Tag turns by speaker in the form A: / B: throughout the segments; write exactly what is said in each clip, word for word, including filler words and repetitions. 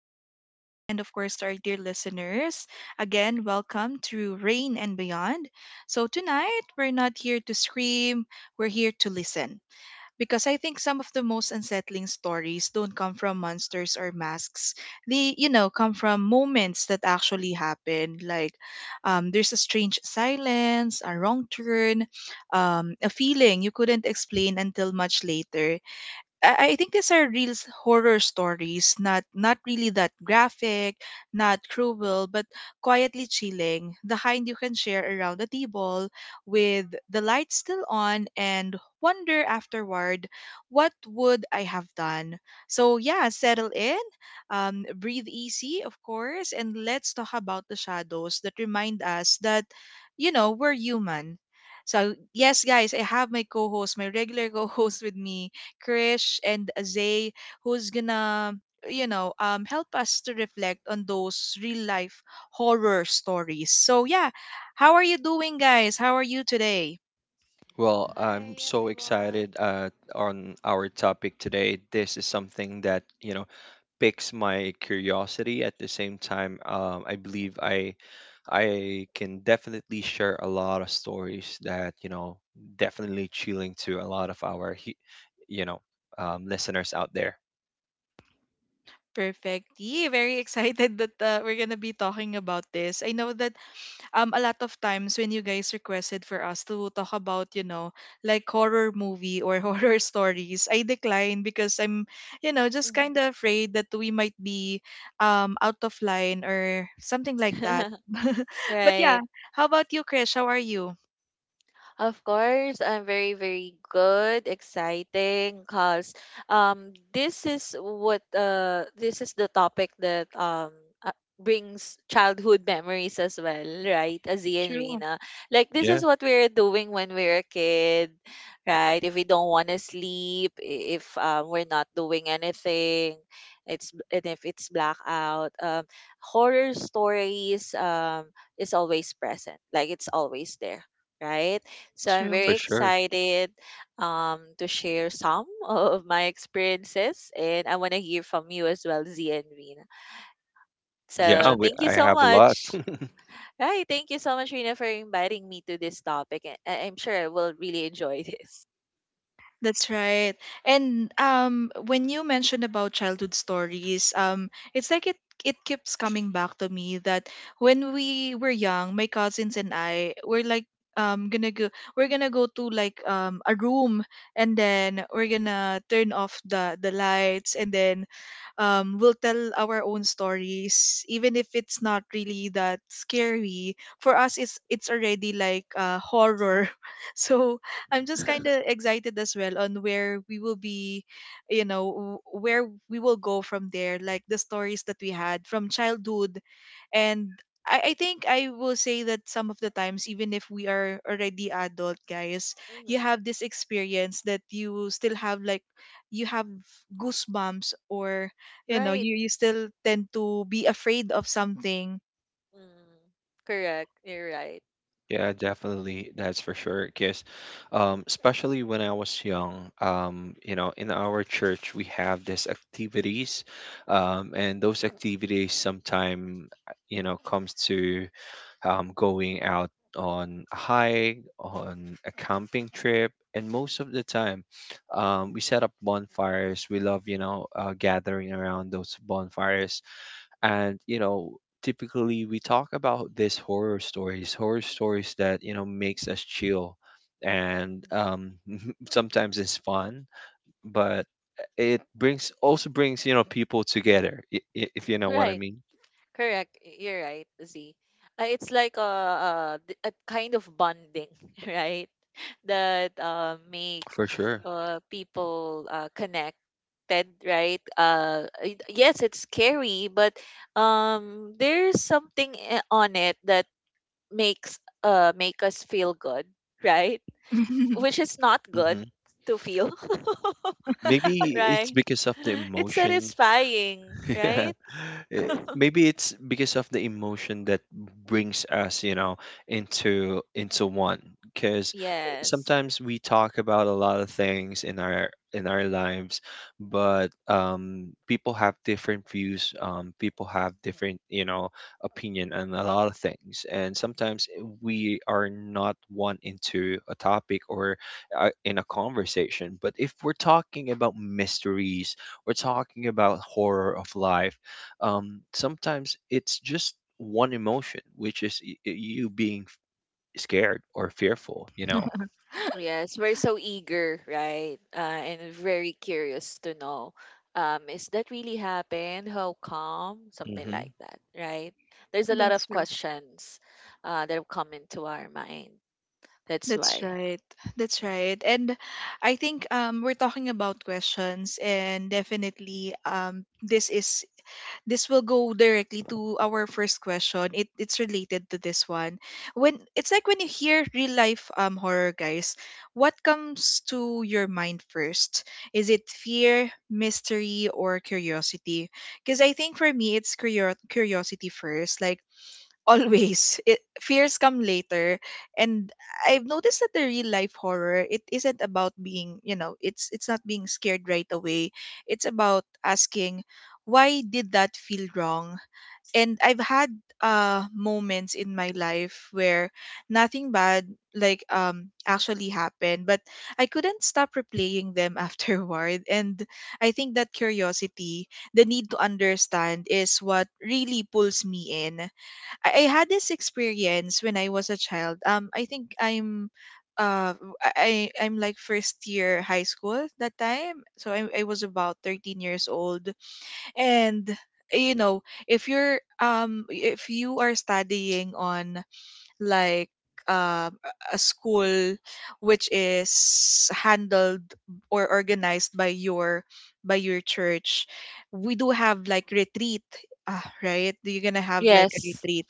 A: friends, and of course our dear listeners. Again, welcome to Rain and Beyond. So tonight we're not here to scream, we're here to listen. Because I think some of the most unsettling stories don't come from monsters or masks. They, you know, come from moments that actually happened. Like um, there's a strange silence, a wrong turn, um, a feeling you couldn't explain until much later. I I think these are real s- horror stories, not not really that graphic, not cruel, but quietly chilling. The kind you can share around the table with the lights still on, and wonder afterward, what would I have done? So yeah, settle in, um, breathe easy, of course, and let's talk about the shadows that remind us that, you know, we're human. So yes, guys, I have my co-host, my regular co-host with me, Krish and Zay, who's gonna you know um help us to reflect on those real life horror stories. So yeah, how are you doing, guys? How are you today?
B: Well, I'm
C: Hi
B: so
C: everyone.
B: excited uh, on our topic today. This is something that, you know, piques my curiosity. At the same time, um, I believe I I can definitely share a lot of stories that, you know, definitely chilling to a lot of our, he- you know, um, listeners out there.
A: Perfect. Yeah, very excited that uh, we're gonna be talking about this. I know that um a lot of times when you guys requested for us to talk about, you know like, horror movie or horror stories, I decline because I'm you know just
C: Mhm.
A: kind of afraid that we might be um out of line or something like that but
C: right.
A: yeah, how about you, Krish? How are you?
C: Of course, I'm very, very good, exciting, cause um, this is what uh, this is the topic that um uh, brings childhood memories as well, right? Azia and
A: True.
C: Rina, like this is
B: Yeah,
C: what we're doing when we're a kid, right? If we don't want to sleep, i- if um, we're not doing anything, it's and if it's blackout, um, horror stories um is always present, like it's always there, right? So I'm
A: True.
C: very
B: for sure.
C: excited um, to share some of my experiences, and I want to hear from you as well, Z and Rina.
B: Yeah,
C: So
B: we,
C: thank you
B: I
C: so
B: have a lot.
C: much. Right, thank you so much, Rina, for inviting me to this topic. and I- I'm sure I will really enjoy this.
A: That's right. And um when you mentioned about childhood stories, um it's like it it keeps coming back to me that when we were young, my cousins and I were like um gonna go we're gonna go to, like, um a room, and then we're gonna turn off the the lights. And then um we'll tell our own stories, even if it's not really that scary for us, it's it's already like uh horror so I'm just kind of excited as well on where we will be, you know, w- where we will go from there, like the stories that we had from childhood. And I, I think I will say that some of the times, even if we are already adult, guys, you
C: Hmm.
A: have this experience that you still have like, you have goosebumps, or, you know,
C: Right.
A: you, you still tend to be afraid of something.
C: Mm. Correct. You're right.
B: Yeah, definitely. That's for sure. Because, um, especially when I was young, um, you know, in our church we have these activities, um, and those activities sometime, uh, you know, comes to um, going out on a hike, on a camping trip, and most of the time, um, we set up bonfires. We love, you know, uh, gathering around those bonfires, and you know, typically we talk about these horror stories horror stories that, you know, makes us chill. And
C: Mhm.
B: um sometimes it's fun, but it brings also brings, you know, people together, i- i- if you know what I
C: Right.
B: mean.
C: Correct. Y- You're right, Z. Uh, it's like a, a, d- a kind of bonding, right? That uh, make
B: For sure.
C: uh, people uh, connected, right? Uh, y- yes, it's scary, but um, there's something i- on it that makes uh, make us feel good, right? Which is not
B: hmm
C: good to feel,
B: Maybe it's
C: right?
B: because of the
C: It's
B: emotion.
C: satisfying,
B: Yeah.
C: right?
B: Eh, Maybe it's because of the emotion that brings us, you know, into into one. Because
C: Yes.
B: sometimes we talk about a lot of things in our in our lives, but um, people have different views. Um, people have different, you know, opinion on a lot of things, and sometimes we are not one into a topic or uh, in a conversation. But if we're talking about mysteries, we're talking about horror of life. Um, sometimes it's just one emotion, which is y- y- you being f- scared or fearful, you know?
C: Yes, we're so eager, right? Uh, and very curious to know, um, is that really happened? How come? Something
B: Mm-hmm.
C: like that, right? There's a lot
A: That's
C: of
A: true.
C: questions uh, that have come into our mind. That's
A: That's
C: why.
A: right. That's right. And I think um, we're talking about questions, and definitely um, this is this will go directly to our first question. It it's related to this one. When it's like, when you hear real life um, horror, guys, what comes to your mind first? Is it fear, mystery, or curiosity? Because I think for me, it's curio- curiosity first. Like, always it, fears come later. And I've noticed that the real life horror, it isn't about being, you know it's it's not being scared right away. It's about asking, why did that feel wrong? And I've had uh moments in my life where nothing bad, like, um actually happened, but I couldn't stop replaying them afterward. And I think that curiosity, the need to understand, is what really pulls me in. I, I had this experience when I was a child. Um, I think I'm, uh, I I- I'm like first year high school at that time. So I I was about thirteen years old, and, you know, if you're um if you are studying on, like, um, a a school which is handled or organized by your by your church, we do have like retreat. Uh, right, you're gonna have like a
C: Yes.
A: retreat.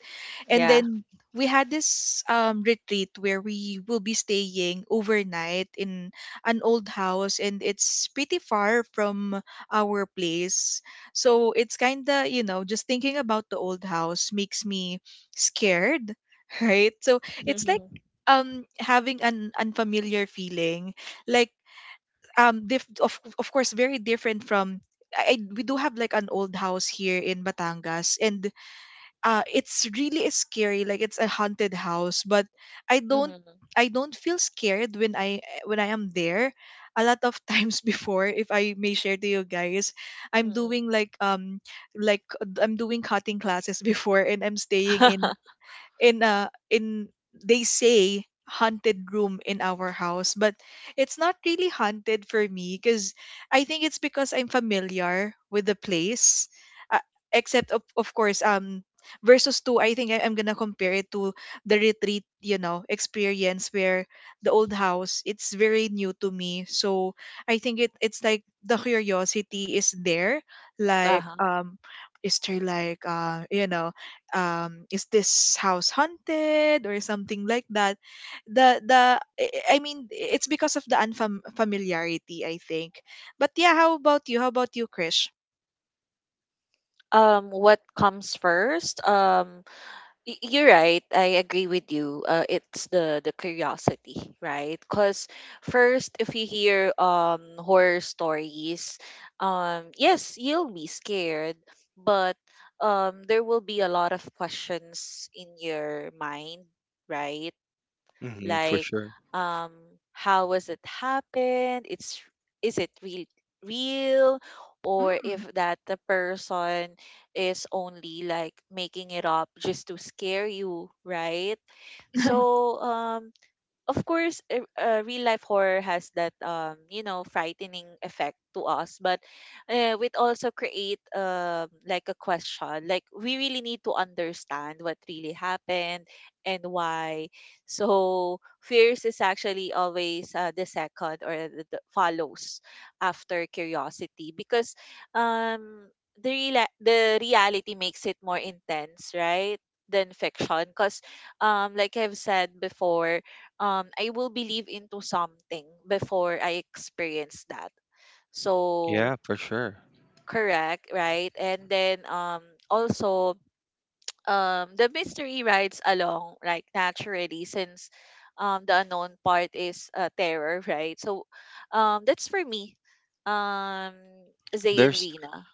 A: And
C: Yeah.
A: then we had this um, retreat where we will be staying overnight in an old house, and it's pretty far from our place. So it's kind of, you know just thinking about the old house makes me scared right? So it's like
C: Mm-hmm.
A: um having an unfamiliar feeling, like, um diff- of of course very different from. I, I- we do have like an old house here in Batangas, and uh it's really scary, like it's a haunted house, but I don't
C: Mm-hmm.
A: I don't feel scared when I when I am there. A lot of times before, if I may share to you guys, I'm
C: Mm-hmm.
A: doing like um like I'm doing cutting classes before, and I'm staying in in a in they say haunted room in our house, but it's not really haunted for me because I think it's because I'm familiar with the place. uh, Except of, of course, um versus two, I think, I, i'm gonna compare it to the retreat you know experience, where the old house, it's very new to me. So I think it it's like the curiosity is there, like,
C: uh-huh.
A: um is there, like, uh you know um is this house haunted or something like that. The the I I mean, it's because of the unfamiliarity, I think. But yeah, how about you how about you, Krish?
C: Um, what comes first? Um, Y- You're right. I agree with you. Uh, it's the the curiosity, right? Because first, if you hear um horror stories, um yes, you'll be scared, but um there will be a lot of questions in your mind, right?
B: Mm-hmm. For
C: Like
B: sure.
C: um how was it happened it's is it real real, or
A: Mm.
C: if that the person is only like making it up just to scare you, right? So um of course, eh, uh, real life horror has that um you know frightening effect to us, but uh, it also create um like a question, like we really need to understand what really happened and why. So fears is actually always uh, the second or the, the follows after curiosity, because um the real the reality makes it more intense, right, than fiction because um like I've said before, um I will believe into something before I experience that. So
B: Yeah, for sure.
C: correct, right? And then um also, um the mystery rides along like naturally, since um the unknown part is uh, terror, right? So um that's for me. Um Zay and
B: There's,
C: Rina.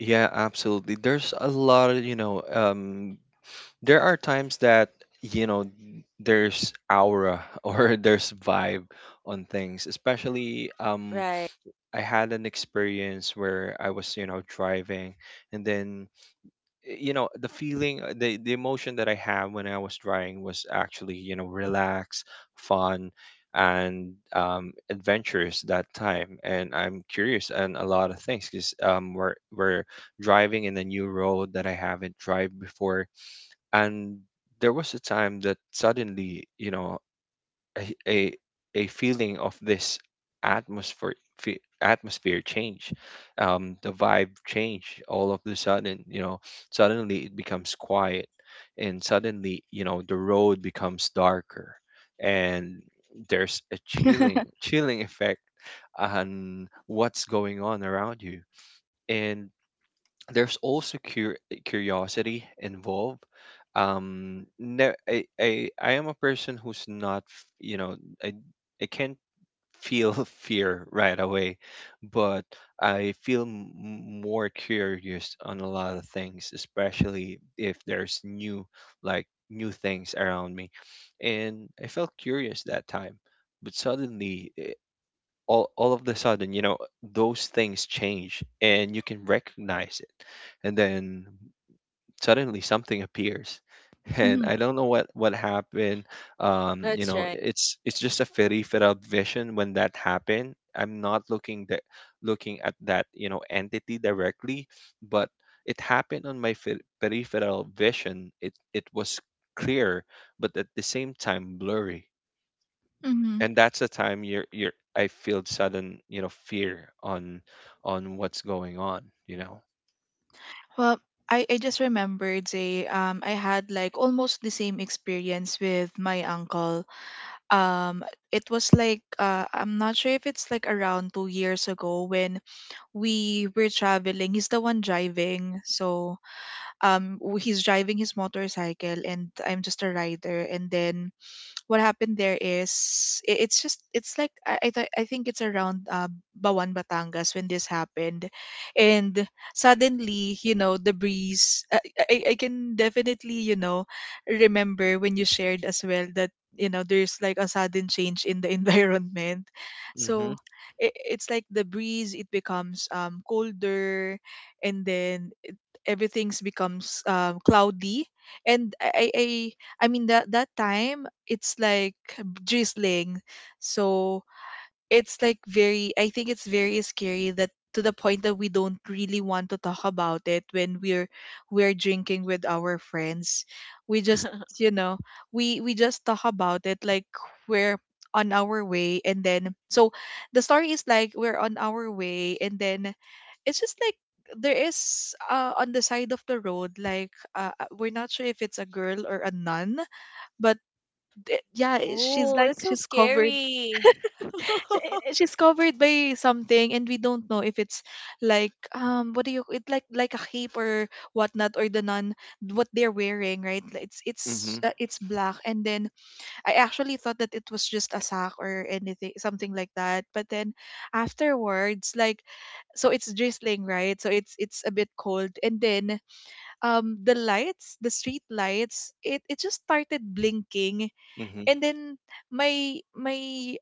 B: yeah, absolutely. There's a lot of, you know, um, there are times that, you know, there's aura or there's vibe on things, especially um,
C: Right.
B: I had an experience where I was, you know, driving. And then eh, you know, the feeling, uh, the the emotion that I have when I was driving was actually, you know, relaxed, fun, and um adventurous that time. And I'm curious and a lot of things because um we're we're driving in a new road that I haven't drive before. And there was a time that suddenly, you know, a a, a feeling of this atmosphere fe- atmosphere change, um the vibe change, all of the sudden, you know, suddenly it becomes quiet. And suddenly, you know, the road becomes darker, and there's a chilling chilling effect on what's going on around you, and there's also cur- curiosity involved. Um no, I, I i am a person who's not f- you know, i i can't feel fear right away. But I feel m- more curious on a lot of things, especially if there's new like new things around me. And I felt curious that time. But suddenly, eh, all all of the sudden, you know, those things change and you can recognize it. And then suddenly something appears. And
A: Mhm,
B: I don't know what what happened. Um, you
C: That's
B: know,
C: right.
B: it's it's just a very fitted vision when that happened. I'm not looking that looking at that, you know, entity directly, but it happened on my fe- peripheral vision. It it was clear, but at the same time blurry.
A: mhm.
B: And that's the time you're you're I feel sudden, you know, fear on on what's going on you know
A: Well, I, I just remembered, say, um, I had like almost the same experience with my uncle. Um, it was like, uh, I'm not sure if it's like around two years ago when we were traveling. He's the one driving. So um w- he's driving his motorcycle and I'm just a rider. And then what happened there is, i- it's just, it's like I I, th- I think it's around uh, Bawan Batangas when this happened. And suddenly, you know the breeze. I, I I can definitely, you know remember when you shared as well that, you know there's like a sudden change in the environment,
B: mhm.
A: so. I It's like the breeze, it becomes, um, colder, and then everything's becomes, um, cloudy. And I I I mean that that time it's like drizzling. So it's like very, I think it's very scary, that to the point that we don't really want to talk about it when we're, we're drinking with our friends. We just, you know, we we just talk about it like we're on our way. And then so the story is like, we're on our way, and then it's just like, there is, uh, on the side of the road, like, uh, uh, we're not sure if it's a girl or a nun. But th- yeah, i- she's
C: oh,
A: like
C: that's so
A: she's covered.
C: scary.
A: She- i- she's covered by something, and we don't know if it's, like, um what do you — it, like, like a cape or whatnot, or the nun, what they're wearing, right? Like, it's it's
B: Mhm.
A: uh, it's black. And then I actually thought that it was just a sack, or anything, something like that, but then afterwards, like, so it's drizzling, right? So it's, it's a bit cold. And then, um the lights the street lights, it it just started blinking.
B: Mhm.
A: And then my, my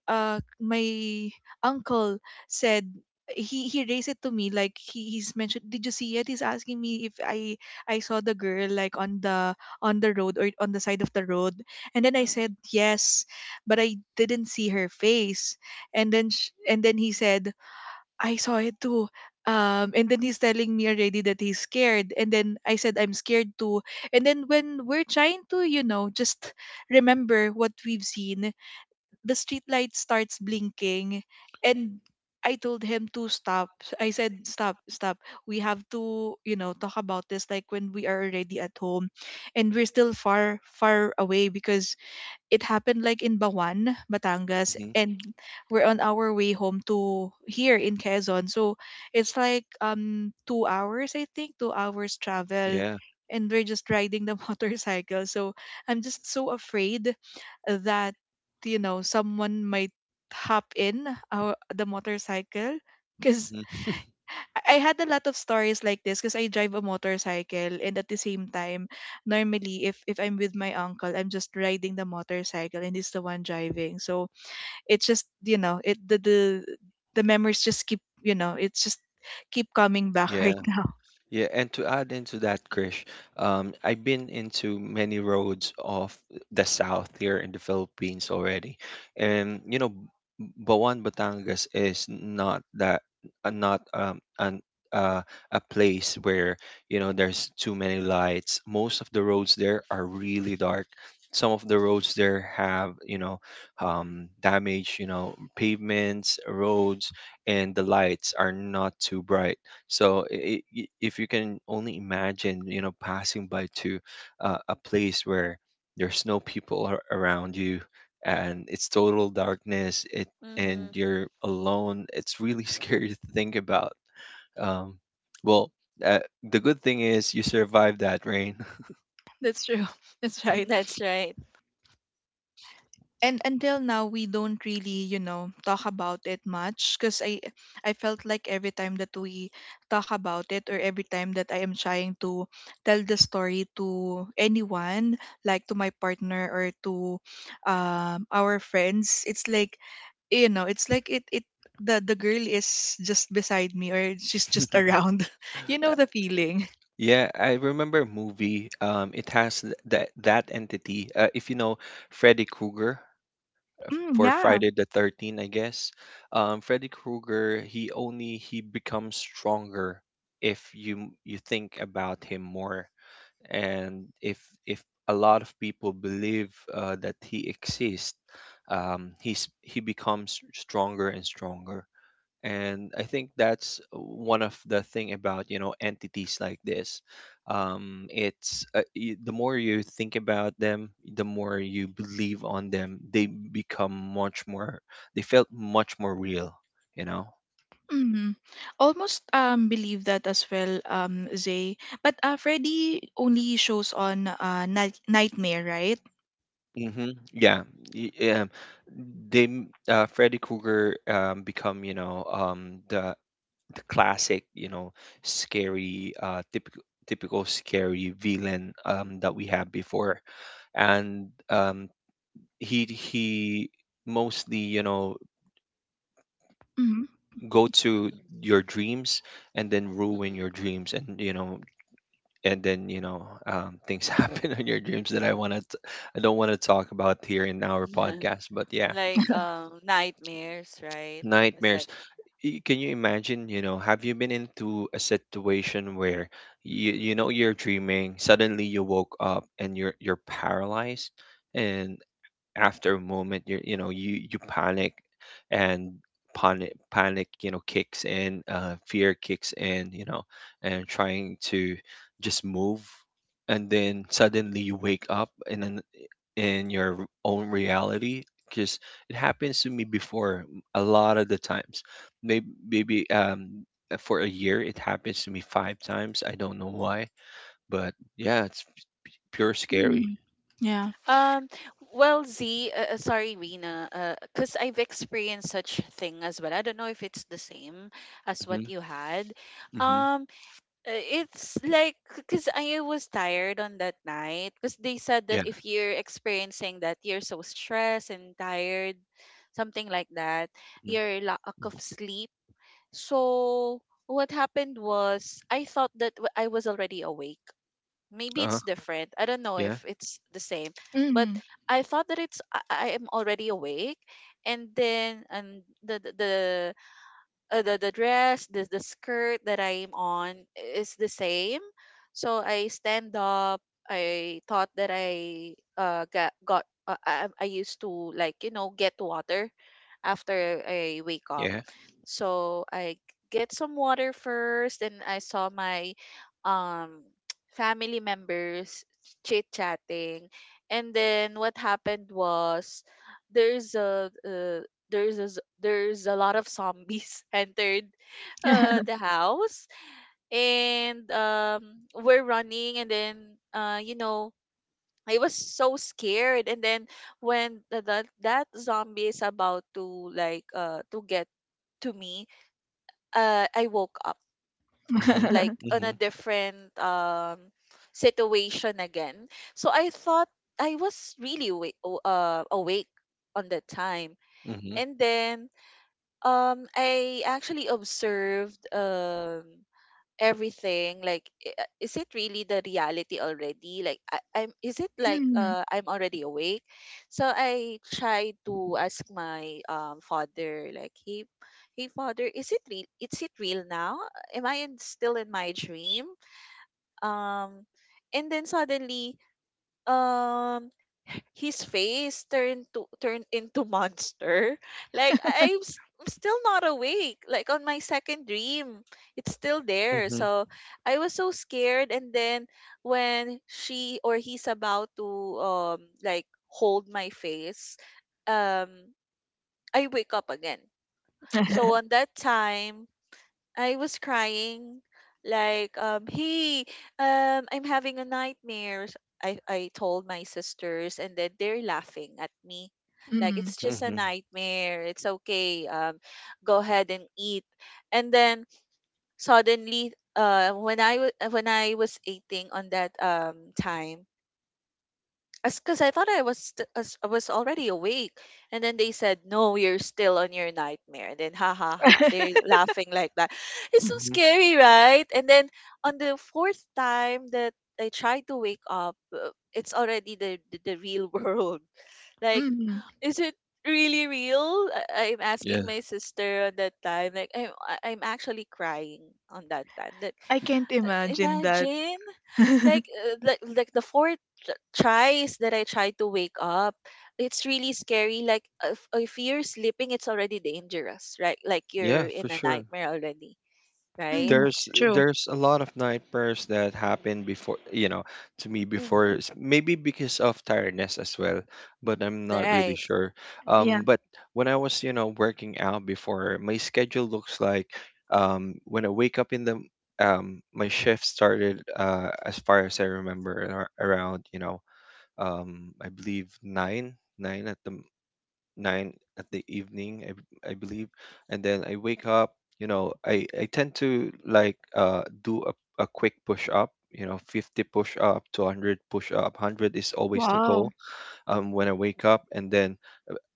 A: uh my uncle said, he he raised it to me, like, he, he's mentioned, did you see it? He's asking me if i i saw the girl, like, on the, on the road, or on the side of the road. And then I
C: Mm-hmm.
A: said yes, but I didn't see her face. And then, sh- and then he said, I saw it too. Um, and then he's telling me already that he's scared. And then I said, I'm scared too. And then when we're trying to, you know, just remember what we've seen, the street light starts blinking. And I told him to stop. I said, stop, stop. We have to, you know, talk about this, like, when we are already at home. And we're still far, far away because it happened, like, in Bawan, Batangas,
B: Mhm.
A: and we're on our way home to here in Quezon. So it's like, um two hours, I think, two hours travel,
B: Yeah.
A: and we're just riding the motorcycle. So I'm just so afraid that, you know someone might hop in our the motorcycle, because
B: Mhm,
A: I had a lot of stories like this, because I drive a motorcycle. And at the same time, normally, if if I'm with my uncle, I'm just riding the motorcycle and he's the one driving. So it's just, you know it the the the memories just keep you know it's just keep coming back right
B: yeah.
A: now.
B: Yeah, and to add into that, Krish, um, I've been into many roads of the south here in the Philippines already, and you know, Bawan Batangas is not that uh, not um an uh, a place where, you know, there's too many lights. Most of the roads there are really dark. Some of the roads there have, you know um, damage, you know, pavements, roads, and the lights are not too bright. So I I if you can only imagine, you know, passing by to uh, a place where there's no people ar- around you, and it's total darkness, it and
C: Mm-hmm.
B: you're alone, it's really scary to think about. Um, well, uh, the good thing is you survived that rain.
A: That's true. That's right.
C: That's right.
A: And until now, we don't really, you know talk about it much, because i i felt like every time that we talk about it, or every time that I am trying to tell the story to anyone, like to my partner or to, um, our friends, it's like, you know it's like it it, the the girl is just beside me, or she's just around you
B: Uh,
A: know, the feeling.
B: Yeah, I remember a movie. Um, it has th- that that entity. Uh, if you know Freddy Krueger.
A: Mm,
B: For
A: yeah.
B: Friday the thirteenth, I guess. Um, Freddy Krueger, he only he becomes stronger if you you think about him more, and if if a lot of people believe, uh, that he exists, um, he's he becomes stronger and stronger. And I think that's one of the thing about, you know, entities like this. Um it's uh, y- the more you think about them, the more you believe on them, they become much more they felt much more real, you know.
A: Hmm. Almost um believe that as well, um, Zay. But uh, Freddy only shows on uh night- Nightmare, right?
B: Mm-hmm. Yeah. Y- Yeah. They m- uh, Freddy Krueger, um, become, you know, um, the the classic, you know, scary, uh, typical typical scary villain, um, that we had before, and um, he he mostly, you know
A: Mm-hmm.
B: go to
C: Mm-hmm.
B: your dreams, and then ruin your dreams, and you know and then, you know um, things happen on your dreams that I want to I don't want to talk about here in our podcast, but yeah.
C: Like um nightmares, right? Is that
B: Nightmares. Y- can you imagine, you know have you been into a situation where you you know you're dreaming, suddenly you woke up and you're you're paralyzed, and after a moment, you you know you you panic, and panic panic, you know, kicks in. Uh fear kicks in you know And trying to just move, and then suddenly you wake up in an, in your own reality, because it happens to me before a lot of the times. Maybe maybe um for a year it happens to me five times. I don't know why, but yeah, it's pure scary.
A: Hmm. Yeah.
C: um well, Z, uh, uh, sorry Rina, uh cuz I've experienced such thing as well. I don't know if it's the same as what
B: Hmm.
C: you had.
B: Hmm.
C: Um uh, it's like cuz I was tired on that night, cuz they said
B: Yeah.
C: that if you're experiencing that you're so stressed and tired something like that,
B: Mm,
C: your lack of sleep. So what happened was I thought that w- I was already awake. Maybe
B: uh-huh.
C: it's different. I don't know
B: Yeah.
C: if it's the same, but
A: Mm-hmm.
C: I thought that it's I, I am already awake, and then and the the the uh, the the dress, the the skirt that I'm on is the same. So I stand up. I thought that I uh got got uh, I, I used to like you know get water after I wake up.
B: Yeah.
C: So I get some water first, and I saw my um family members chit chatting, and then what happened was there's a, a there's a, z- there's a lot of zombies entered uh, the house, and um, we're running, and then uh, you know, I was so scared. And then when the, that that zombie is about to like uh, to get to me, uh, I woke up
B: Mhm.
C: like on a
B: Mhm.
C: different um, situation again. So I thought I was really awake, uh, awake on that time.
B: Mhm.
C: And then Um, I actually observed um everything. Like, i- uh, is it really the reality already? Like, I, I'm. Is it like
A: Mm-hmm.
C: uh, I'm already awake? So I tried to ask my um father, like, hey, hey, father, is it real? Is it real now? Am I in, still in my dream? Um, and then suddenly, um, his face turned to turned into monster. Like I- I'm, s- I'm still not awake. Like on my second dream, it's still there.
B: Mhm.
C: So I was so scared. And then when she or he's about to um like hold my face, um I wake up again. So on that time, I was crying, like um hey, um I'm having a nightmare. S- I I told my sisters and then they're laughing at me, like
A: Mm-hmm.
C: it's just a
B: Mhm.
C: nightmare. It's okay. Um go ahead and eat. And then suddenly, uh when I wa- when I was eating on that um time, as because I thought I was st- as- I was already awake, and then they said, "No, you're still on your nightmare." And then ha ha ha, they're laughing like that. It's so
B: Mhm.
C: scary, right? And then on the fourth time that I tried to wake up, uh, it's already the the, the real world. Like,
A: Mm-hmm.
C: is it really real? I, I'm
B: Yeah.
C: asking my sister on that time. Like, I'm I- I'm actually crying on that time. That
A: I can't
C: uh,
A: imagine that.
C: Imagine, like uh, like like the four ch- tries that I tried to wake up, it's really scary, like if, if you're sleeping it's already dangerous, right, like you're
B: Yeah,
C: in
B: for
C: a
B: sure.
C: nightmare already, right?
A: Mm.
B: There's
A: True.
B: there's a lot of night prayers that happened before, you know, to me
C: Mm-hmm.
B: before, s- maybe because of tiredness as well, but I'm not really
C: Right.
B: sure.
A: Yeah.
B: Um, but when I was, you know, working out before, my schedule looks like, um, when I wake up in the, um, my shift started, uh, as far as I remember, ar- around, you know, um, I believe nine, nine at the nine at the evening, I, b- I believe. And then I wake up. You know, I, I tend to, like, uh, do a, a quick push up, you know, fifty push up to one hundred push up. one hundred is always the
A: Wow.
B: goal, um, when I wake up. And then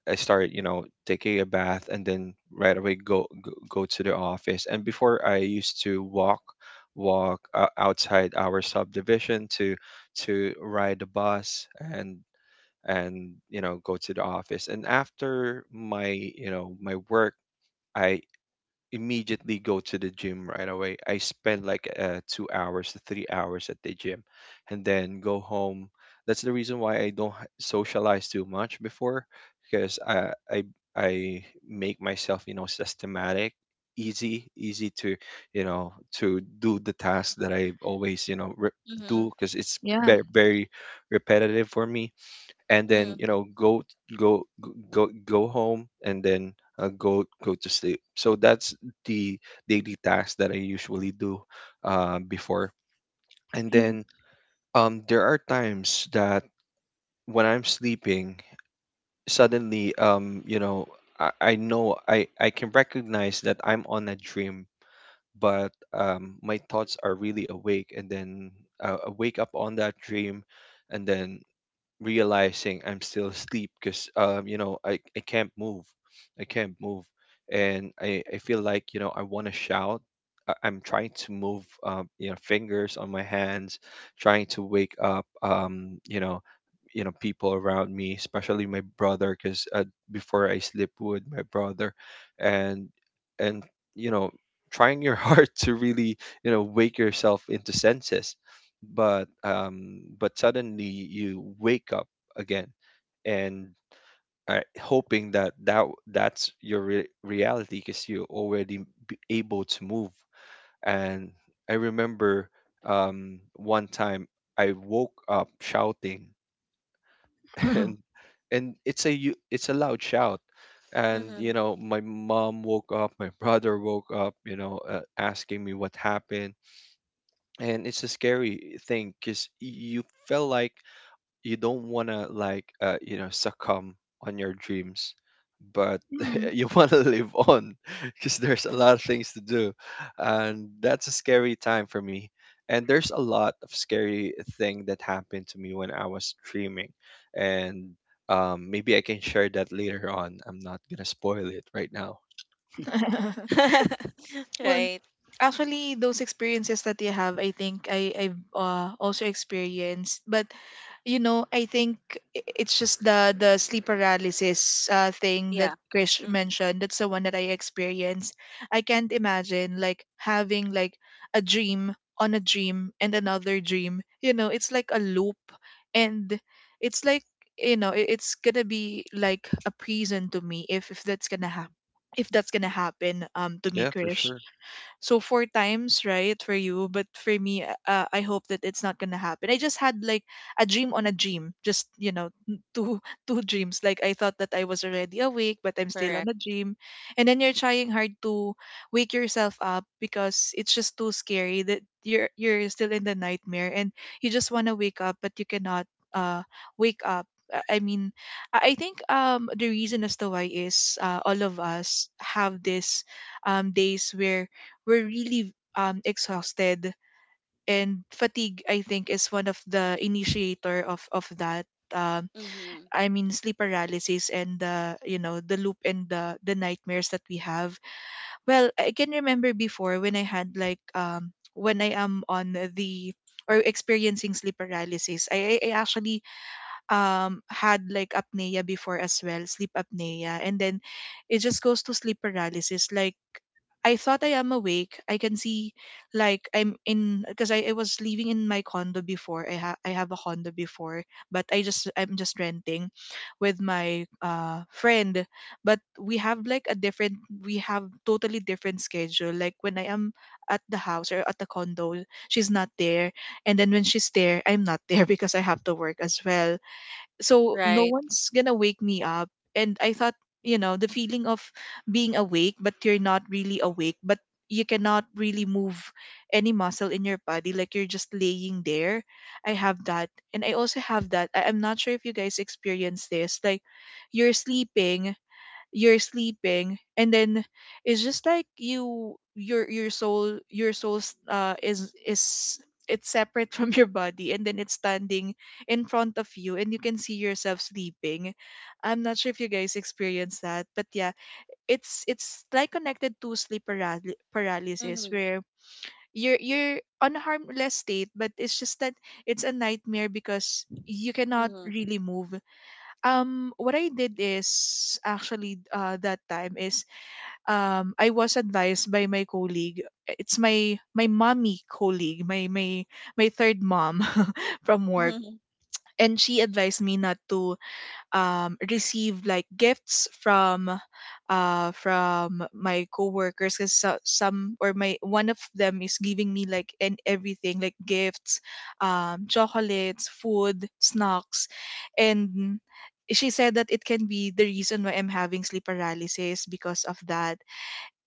B: I start, you know, taking a bath, and then right away go, go, go to the office. And before I used to walk, walk uh, outside our subdivision to to ride the bus, and and, you know go to the office, and after my you know my work, I immediately go to the gym right away. I spend like, uh, two hours to three hours at the gym, and then go home. That's the reason why I don't h- socialize too much before, because i i, I make myself, you know, systematic, easy easy to, you know, to do the task that I always, you know re-
C: Mm-hmm.
B: do. Because it's
A: Yeah.
B: very, very repetitive for me. And then, you
C: Mm-hmm.
B: know go go go go home, and then uh, go go to sleep. So that's the daily task that I usually do, uh, before. And then, um there are times that when I'm sleeping, suddenly, um you know i, I know I, I can recognize that I'm on a dream. But um my thoughts are really awake, and then, uh, I wake up on that dream, and then realizing I'm still asleep, because um you know I, I can't move I can't move And I, I feel like, you know, I want to shout. I, I'm trying to move, um you know fingers on my hands, trying to wake up, um you know you know people around me, especially my brother, because uh, before I sleep with my brother. And and, you know, trying your heart to really, you know wake yourself into senses. But um, but suddenly you wake up again, and are hoping that that that's your re- reality, because you're already b- able to move. And I remember, um, one time I woke up shouting. and and it's a you it's a loud shout. And you know, my mom woke up, my brother woke up, you know uh, asking me what happened. And it's a scary thing because you feel like you don't want to, like, uh, you know succumb on your dreams. But
A: mm
B: you want to live on because there's a lot of things to do. And that's a scary time for me, and there's a lot of scary thing that happened to me when I was dreaming. And, um, maybe I can share that later on. I'm not gonna spoil it right now.
C: Mm-hmm.
A: Well,
C: Right.
A: actually, those experiences that you have, I think I I've uh, also experienced. But you know, I think i- it's just the the sleep paralysis uh, thing that
C: Yeah.
A: Krish
C: Mm-hmm.
A: mentioned. That's the one that I experienced. I can't imagine like having like a dream on a dream and another dream. You know, it's like a loop, and it's like you know, i- it's gonna be like a prison to me if if that's gonna happen. If that's gonna happen um to me,
B: Yeah, for
A: Krish.
B: sure.
A: So four times, right, for you, but for me, uh, I hope that it's not gonna happen. I just had like a dream on a dream, just you know, n- two two dreams. Like I thought that I was already awake, but I'm still on
C: Correct.
A: a dream, and then you're trying hard to wake yourself up because it's just too scary that you're you're still in the nightmare and you just wanna wake up, but you cannot uh wake up. Uh, I mean, I I think um the reason as to why is uh, all of us have this um days where we're really um, exhausted and fatigue i think is one of the initiator of of that, um,
C: Mm-hmm.
A: i mean sleep paralysis and the you know the loop and the the nightmares that we have. Well, I can remember before when I had like um when I am on the or experiencing sleep paralysis, i, I I actually um had like apnea before as well, sleep apnea, and then it just goes to sleep paralysis. Like I thought I am awake. I can see like I'm in because I, I was living in my condo before. I ha- I have a condo before, but I just I'm just renting with my uh friend. But we have like a different we have totally different schedule. Like when I am at the house or at the condo, she's not there. And then when she's there, I'm not there because I have to work as well, so no
C: Right.
A: one's gonna wake me up. And I thought, you know, the feeling of being awake but you're not really awake, but you cannot really move any muscle in your body, like you're just laying there. I have that. And I also have that I- I'm not sure if you guys experience this. Like you're sleeping, you're sleeping, and then it's just like you your your soul your soul s- uh is is it's separate from your body, and then it's standing in front of you and you can see yourself sleeping. I'm not sure if you guys experience that, but yeah, it's it's like connected to sleep paral- paralysis,
C: Mm-hmm.
A: where you're you're on a harmless state, but it's just that it's a nightmare because you cannot
C: Mm-hmm.
A: really move. um what I did is actually, uh, that time is, um I was advised by my colleague. It's my my mommy colleague, my my my third mom from work.
C: Mm-hmm.
A: And she advised me not to, um, receive like gifts from, uh, from my coworkers, because some, or my one of them, is giving me like and everything, like gifts, um, chocolates, food, snacks, and she said that it can be the reason why I'm having sleep paralysis, because of that,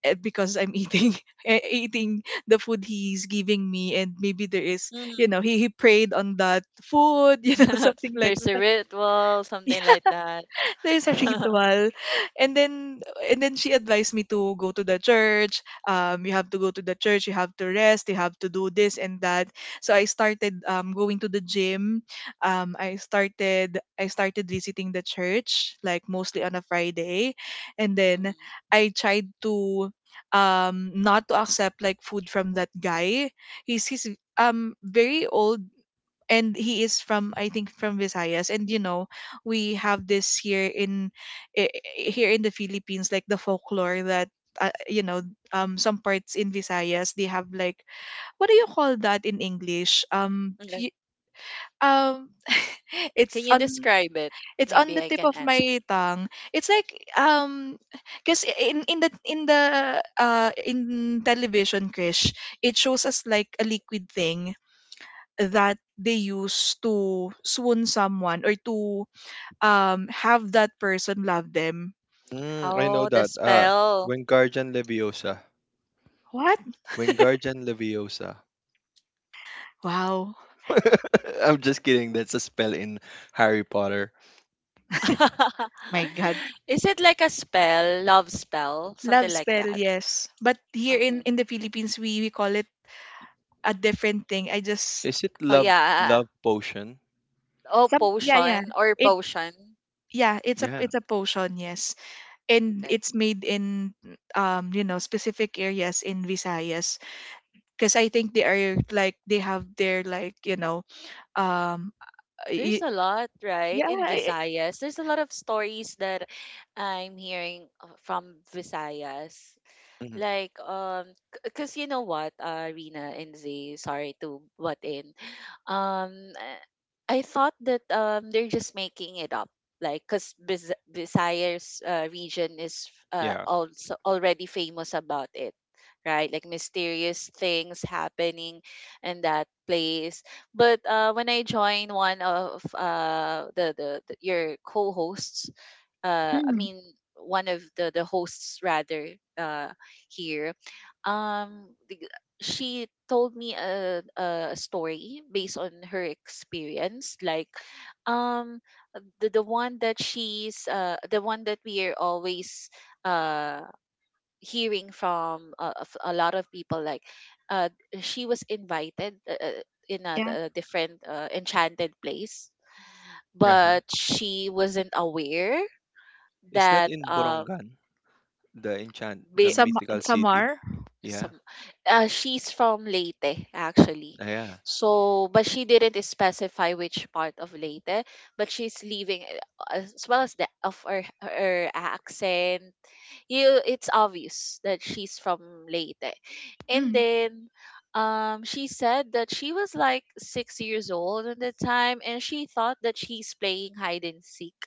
A: eh, because I'm eating eh, eating the food he's giving me, and maybe there is, you
C: Mm-hmm.
A: know, he, he prayed on that food, you know, something like
C: There's a ritual, something like that.
A: there's a ritual. And then and then she advised me to go to the church. um you have to go to the church, you have to rest, you have to do this and that. So I started um going to the gym. um i started I started visiting the church, like mostly on a Friday. And then
C: Mm-hmm.
A: I tried to um not to accept like food from that guy. He's he's um very old, and he is from, I think, from Visayas. And you know, we have this here in, i- i- here in the Philippines, like the folklore that, uh, you know um some parts in Visayas, they have like, what do you call that in English? um fe- um
C: Can
A: it's
C: you
A: on,
C: describe it?
A: it's on
C: Maybe
A: the
C: I
A: tip
C: can
A: of
C: answer.
A: my tongue. It's like, um because in in the in the uh in television, Krish, it shows us like a liquid thing that they use to swoon someone or to um have that person love them.
B: Mm, I know
C: Oh, the
B: that. Uh,
C: spell.
B: Wingardium Leviosa.
A: What?
B: Wingardium Leviosa.
A: Wow.
B: I'm just kidding. That's a spell in Harry Potter.
A: My God.
C: Is it like a spell, love spell,
A: Love
C: something like
A: spell,
C: that?
A: yes. But here in
C: Mhm.
A: in the Philippines, we we call it a different thing. I just
B: Is it
C: Oh
B: love
C: yeah. uh, uh, uh.
B: love potion?
C: Oh,
A: some, yeah, yeah.
C: potion or
A: It
C: potion.
A: yeah, it's a
B: Yeah.
A: it's a potion, yes. And
C: Okay.
A: it's made in, um, you know, specific areas in Visayas, because I think they are like they have their like, you know, um
C: There's
A: y-
C: a lot, right,
A: yeah,
C: in
A: I-
C: Visayas. There's a lot of stories that I'm hearing uh, from Visayas.
B: Hmm.
C: Like, um, because you know what, uh, Rina and Z, sorry to butt in. um uh, I thought that um they're just making it up, like because Bis- Visayas uh, region is uh,
B: Yeah.
C: also already famous about it, right, like mysterious things happening in that place, but uh, when I joined one of uh, the, the, the your co-hosts, uh I
A: mm,
C: mean one of the the hosts rather, uh here, um the- she told me a, a story based on her experience. Like, um the, the one that she's uh the one that we are always uh hearing from, uh, of a lot of people, like, uh she was invited uh, uh, in a,
A: yeah.
C: a different uh, enchanted place,
B: Uh-huh.
C: but she wasn't aware
B: Is that
C: that
B: in
C: um
B: Borongan? The enchant the
C: be,
A: Sam
B: mythical city.
A: Samar?
C: some
B: Yeah.
C: uh, she's from Leyte actually.
B: Yeah.
C: So but she didn't specify which part of Leyte, but she's leaving, uh, as well as the of her, her accent, you it's obvious that she's from Leyte. And
A: Mm.
C: then um she said that she was like six years old at the time and she thought that she's playing hide and seek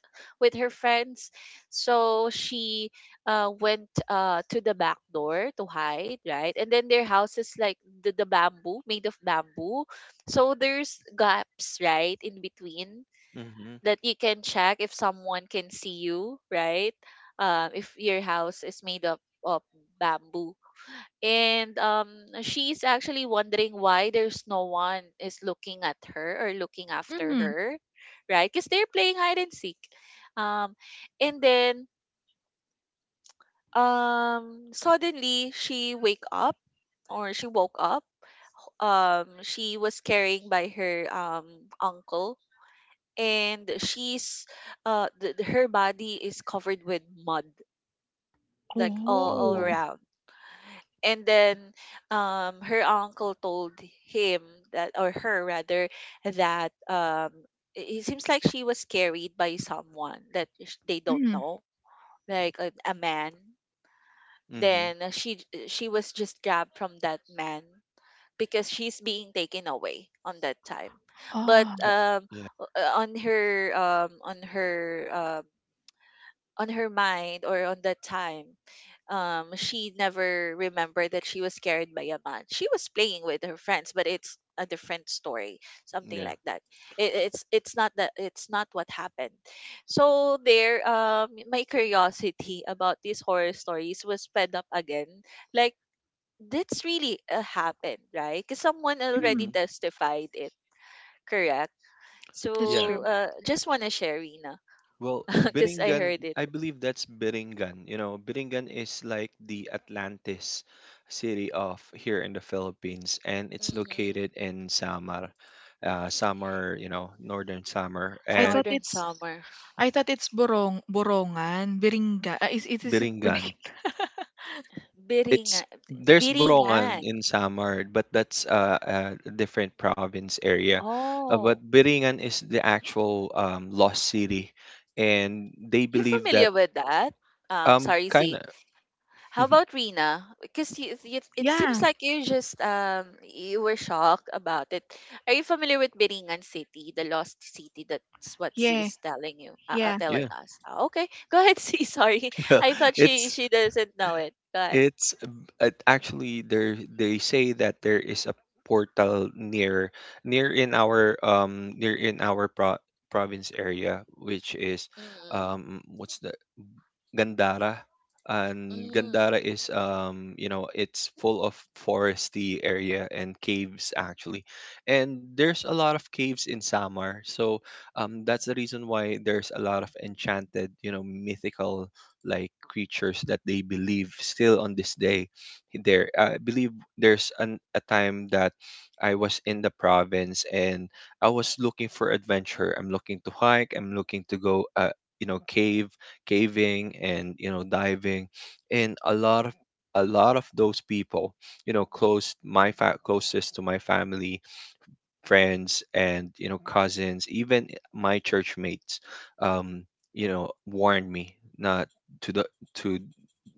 C: with her friends. So she uh went uh to the back door to hide, right? And then their house is like the, the bamboo, made of bamboo. So there's gaps, right, in between
B: Mm-hmm.
C: that you can check if someone can see you, right? Um, if your house is made up of bamboo. And um, she's actually wondering why there's no one is looking at her or looking after
A: Mm.
C: her, right? Because they're playing hide and seek. Um, and then, um, suddenly she wake up, or she woke up. Um, she was carrying by her um, uncle, and she's uh th- th- her body is covered with mud, like all all
A: Oh.
B: Oh.
C: around. And then um her uncle told him that, or her rather, that um it it seems like she was carried by someone that sh- they don't
A: Mm.
C: know, like a, a man,
B: Mm-hmm.
C: then she j- she was just grabbed from that man because she's being taken away on that time. But
B: Uh,
A: Ah.
C: um
B: yeah.
C: o- uh, on her um on her um, on her mind, or on that time, um she never remembered that she was carried by a man, she was playing with her friends, but it's a different story, something
B: Yeah.
C: like that, it, it's it's not that, it's not what happened. So there, um my curiosity about these horror stories was fed up again, like that's really uh, happened, right, because someone already
A: Mm.
B: Mm-hmm.
C: testified it, correct.
A: That's
B: Yeah.
C: So
A: true.
C: uh just want to share, Rina.
B: Well,
C: Because I
B: Biringan,
C: heard it.
B: I believe that's Biringan. You know, Biringan is like the Atlantis city of here in the Philippines, and it's
C: Mm-hmm.
B: located in Samar, uh, Samar, you know, northern Samar,
A: I
B: and
A: thought
C: Northern
A: it's,
C: Summer.
A: I thought it's borong Borongan, Biringa. Uh, is, is is it
B: Biringan
A: Biringa?
B: it's
C: Biringan
B: there's Borongan
C: Biringan.
B: in Samar, but that's uh, a different province area. Uh, but
C: Oh,
B: Biringan is the actual um, lost city, and they
C: you
B: believe that
C: familiar with that? Um,
B: um,
C: sorry,
B: kind
C: Z.
B: of.
C: How about Rina? Because you, you, it seems
A: Yeah.
C: like you just um you were shocked about it. Are you familiar with Biringan City, the lost city? That's what Z
A: Yeah.
C: is telling you, uh, uh,
A: Yeah.
C: telling
B: Yeah.
C: us. Ah, okay, go ahead, Z. Sorry, I thought she
B: it's
C: she doesn't know it. Go ahead.
B: it's uh, Actually, there they say that there is a portal near near in our um near in our pro- province area, which is
C: Mm-mm.
B: um, what's Gandara. And
C: Mm.
B: Gandara is, um, you know, it's full of foresty area and caves actually, and there's a lot of caves in Samar. So, um, that's the reason why there's a lot of enchanted, you know, mythical like creatures that they believe still on this day. There, I believe there's an, a time that I was in the province and I was looking for adventure. I'm looking to hike. I'm looking to go, uh, you know, cave caving, and you know, diving. And a lot of, a lot of those people, you know, close my fa- closest to my family, friends, and you know, cousins, even my church mates, um you know, warned me not to the to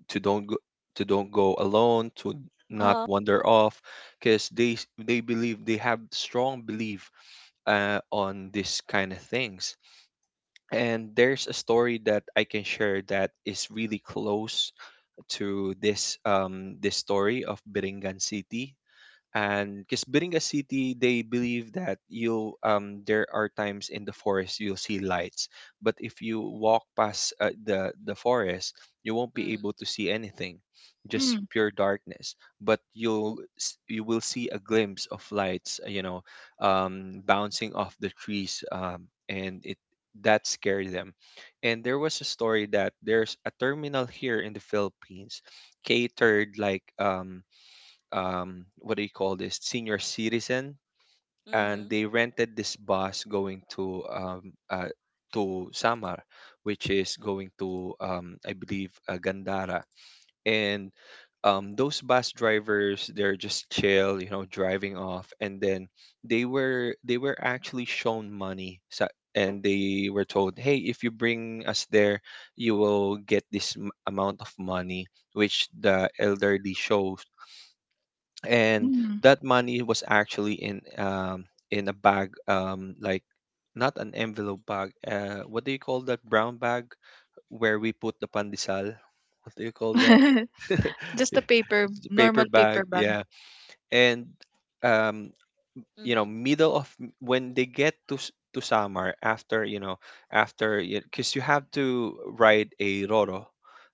B: to don't go to don't go alone, to not
C: Uh-huh.
B: wander off, because they s- they believe, they have strong belief uh, on this kind of things. And there's a story that I can share that is really close to this um, this story of Biringan City. And because building a city, they believe that you um, there are times in the forest you'll see lights, but if you walk past uh, the the forest, you won't be
C: Mm-hmm.
B: able to see anything, just
A: Mm.
B: pure darkness. But you'll s- you will see a glimpse of lights, uh, you know, um, bouncing off the trees, um, and it, that scared them. And there was a story that there's a terminal here in the Philippines, catered like um, um, what do you call this, senior citizen, and
C: Mm-hmm.
B: they rented this bus going to um, uh, to Samar, which is going to um, I believe uh, Gandara, and um, those bus drivers, they're just chill, you know, driving off, and then they were they were actually shown money. So, and they were told, hey, if you bring us there, you will get this m- amount of money, which the elderly shows. And
A: Mm.
B: that money was actually in um, in a bag, um, like not an envelope bag, uh, what do you call that brown bag where we put the pandesal, what do you call that?
A: Just a
B: It's
A: paper,
B: a paper
A: normal paper
B: bag,
A: bag.
B: yeah. And um, you know,
C: Mm-hmm.
B: middle of, when they get to s- to Samar, after you know, after, because you have to ride a roro,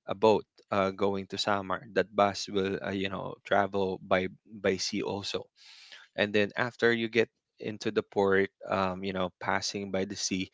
B: a boat, uh, going to Samar. That bus will uh, you know, travel by by sea also. And then after you get into the port, um, you know, passing by the sea.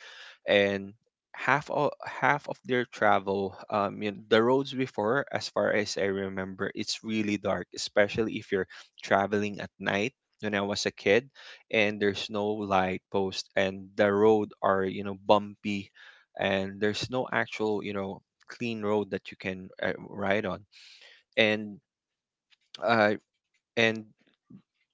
B: And half of half of their travel, um, you know, the roads before, as far as I remember, it's really dark, especially if you're traveling at night, when I was a kid. And there's no light post, and the road are, you know, bumpy, and there's no actual, you know, clean road that you can uh, ride on. And uh, and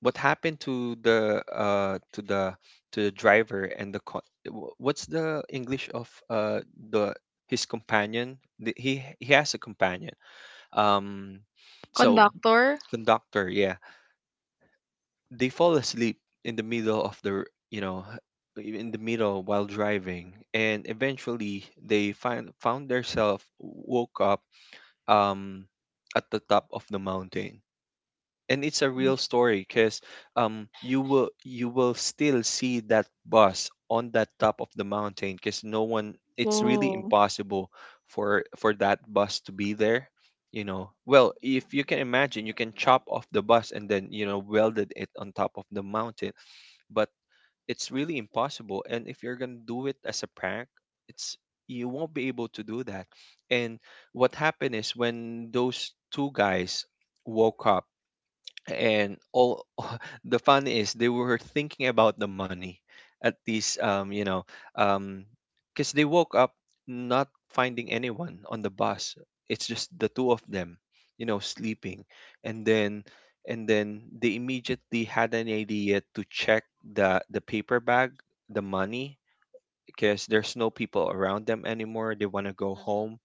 B: what happened to the uh to the to the driver and the co- wh- what's the English of uh, the, his companion, the, he he has a companion, um, so,
A: Conductor?
B: conductor, yeah. They fall asleep in the middle of the r- you know, h- in the middle while driving, and eventually they find, found themselves woke up um, at the top of the mountain. And it's a real story, because um, you will, you will still see that bus on that top of the mountain, because no one, it's really
A: Oh.
B: impossible for for that bus to be there. You know, well, if you can imagine, you can chop off the bus and then, you know, welded it on top of the mountain, but it's really impossible. And if you're gonna do it as a prank, it's, you won't be able to do that. And what happened is, when those two guys woke up, and all, the fun is, they were thinking about the money, at least um, you know, um, because they woke up not finding anyone on the bus. It's just the two of them, you know, sleeping. And then and then they immediately had an idea to check the the paper bag, the money, because there's no people around them anymore, they want to go
C: Mm-hmm.
B: home.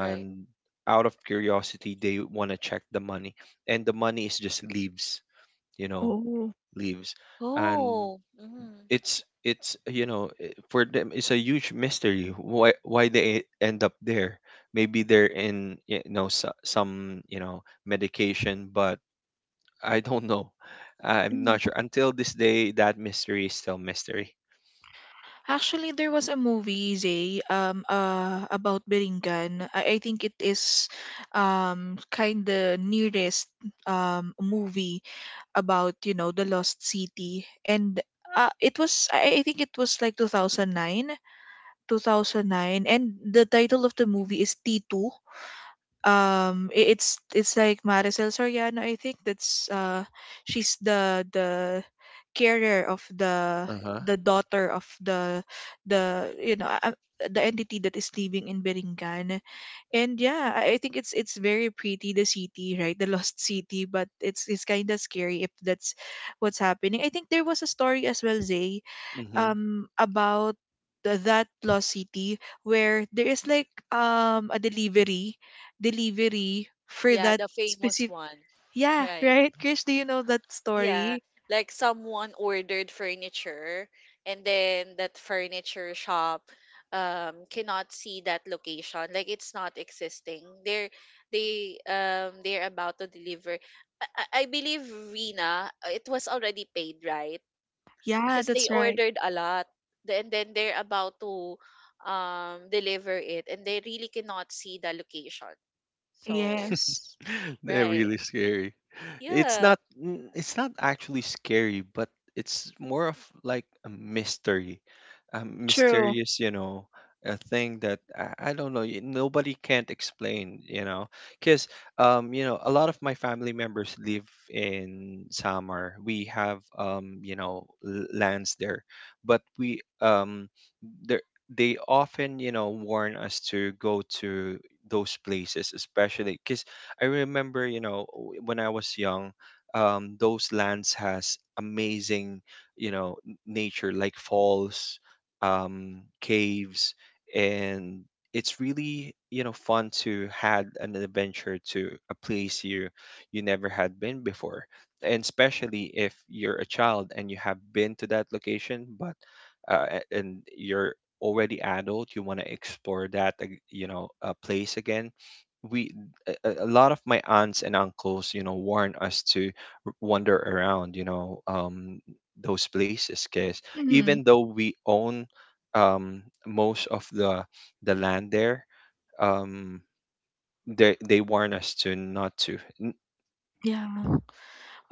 C: Right.
B: out of curiosity, they want to check the money, and the money is just leaves, you know,
A: Oh.
B: leaves. And
C: Oh, mhm.
B: it's it's you know, i- for them, it's a huge mystery why why they end up there. Maybe they're in, you know, so, some, you know, medication, but I don't know. I'm not sure until this day. That mystery is still mystery.
A: Actually, there was a movie, Zay, um, uh, about Biringan. I, I think it is, um, kind of nearest um, movie about, you know, the lost city. And uh, it was, I, I think it was like two thousand nine, two thousand nine. And the title of the movie is T two. Um, i- it's it's like Maricel Soriano, I think that's uh, she's the the carer of the
B: Uh-huh.
A: the daughter of the, the you know uh, the entity that is living in Beringan. And yeah, I I think it's it's very pretty the city, right? The lost city, but it's it's kind of scary if that's what's happening. I think there was a story as well, Zay,
B: Hmm.
A: um about the- that lost city where there is like um a delivery, delivery for
C: Yeah,
A: that
C: the famous
A: specific,
C: one,
A: yeah,
C: right?
A: right, Chris, do you know that
C: Yeah,
A: story?
C: like someone ordered furniture and then that furniture shop um cannot see that location. Like it's not existing. They're they um they're about to deliver. I, I I believe Rina, uh, it was already paid, right?
A: Yeah,
C: Because they
A: that's right.
C: ordered a lot. Then then they're about to um deliver it and they really cannot see the location. So,
A: Yes,
B: They're
C: right.
B: really scary. It's
C: Yeah,
B: not, mm, it's not actually scary, but it's more of like a mystery. A
A: true.
B: mysterious, you know, a thing that I, I don't know, y- nobody can't explain, you know. Cuz um, you know, a lot of my family members live in Samar. We have um, you know, l- lands there, but we um, there, they often, you know, warn us to go to those places, especially because I remember, you know, w- when I was young, um, those lands has amazing, you know, n- nature like falls, um, caves, and it's really, you know, fun to had an adventure to a place you, you never had been before. And especially if you're a child and you have been to that location, but uh, a- and you're already adult, you want to explore that, ag- you know, uh, place again. We, a a- a lot of my aunts and uncles, you know, warn us to r- wander around, you know, um, those places. Because
A: Hmm.
B: even though we own um, most of the the land there, um, they they warn us to not to.
A: Yeah.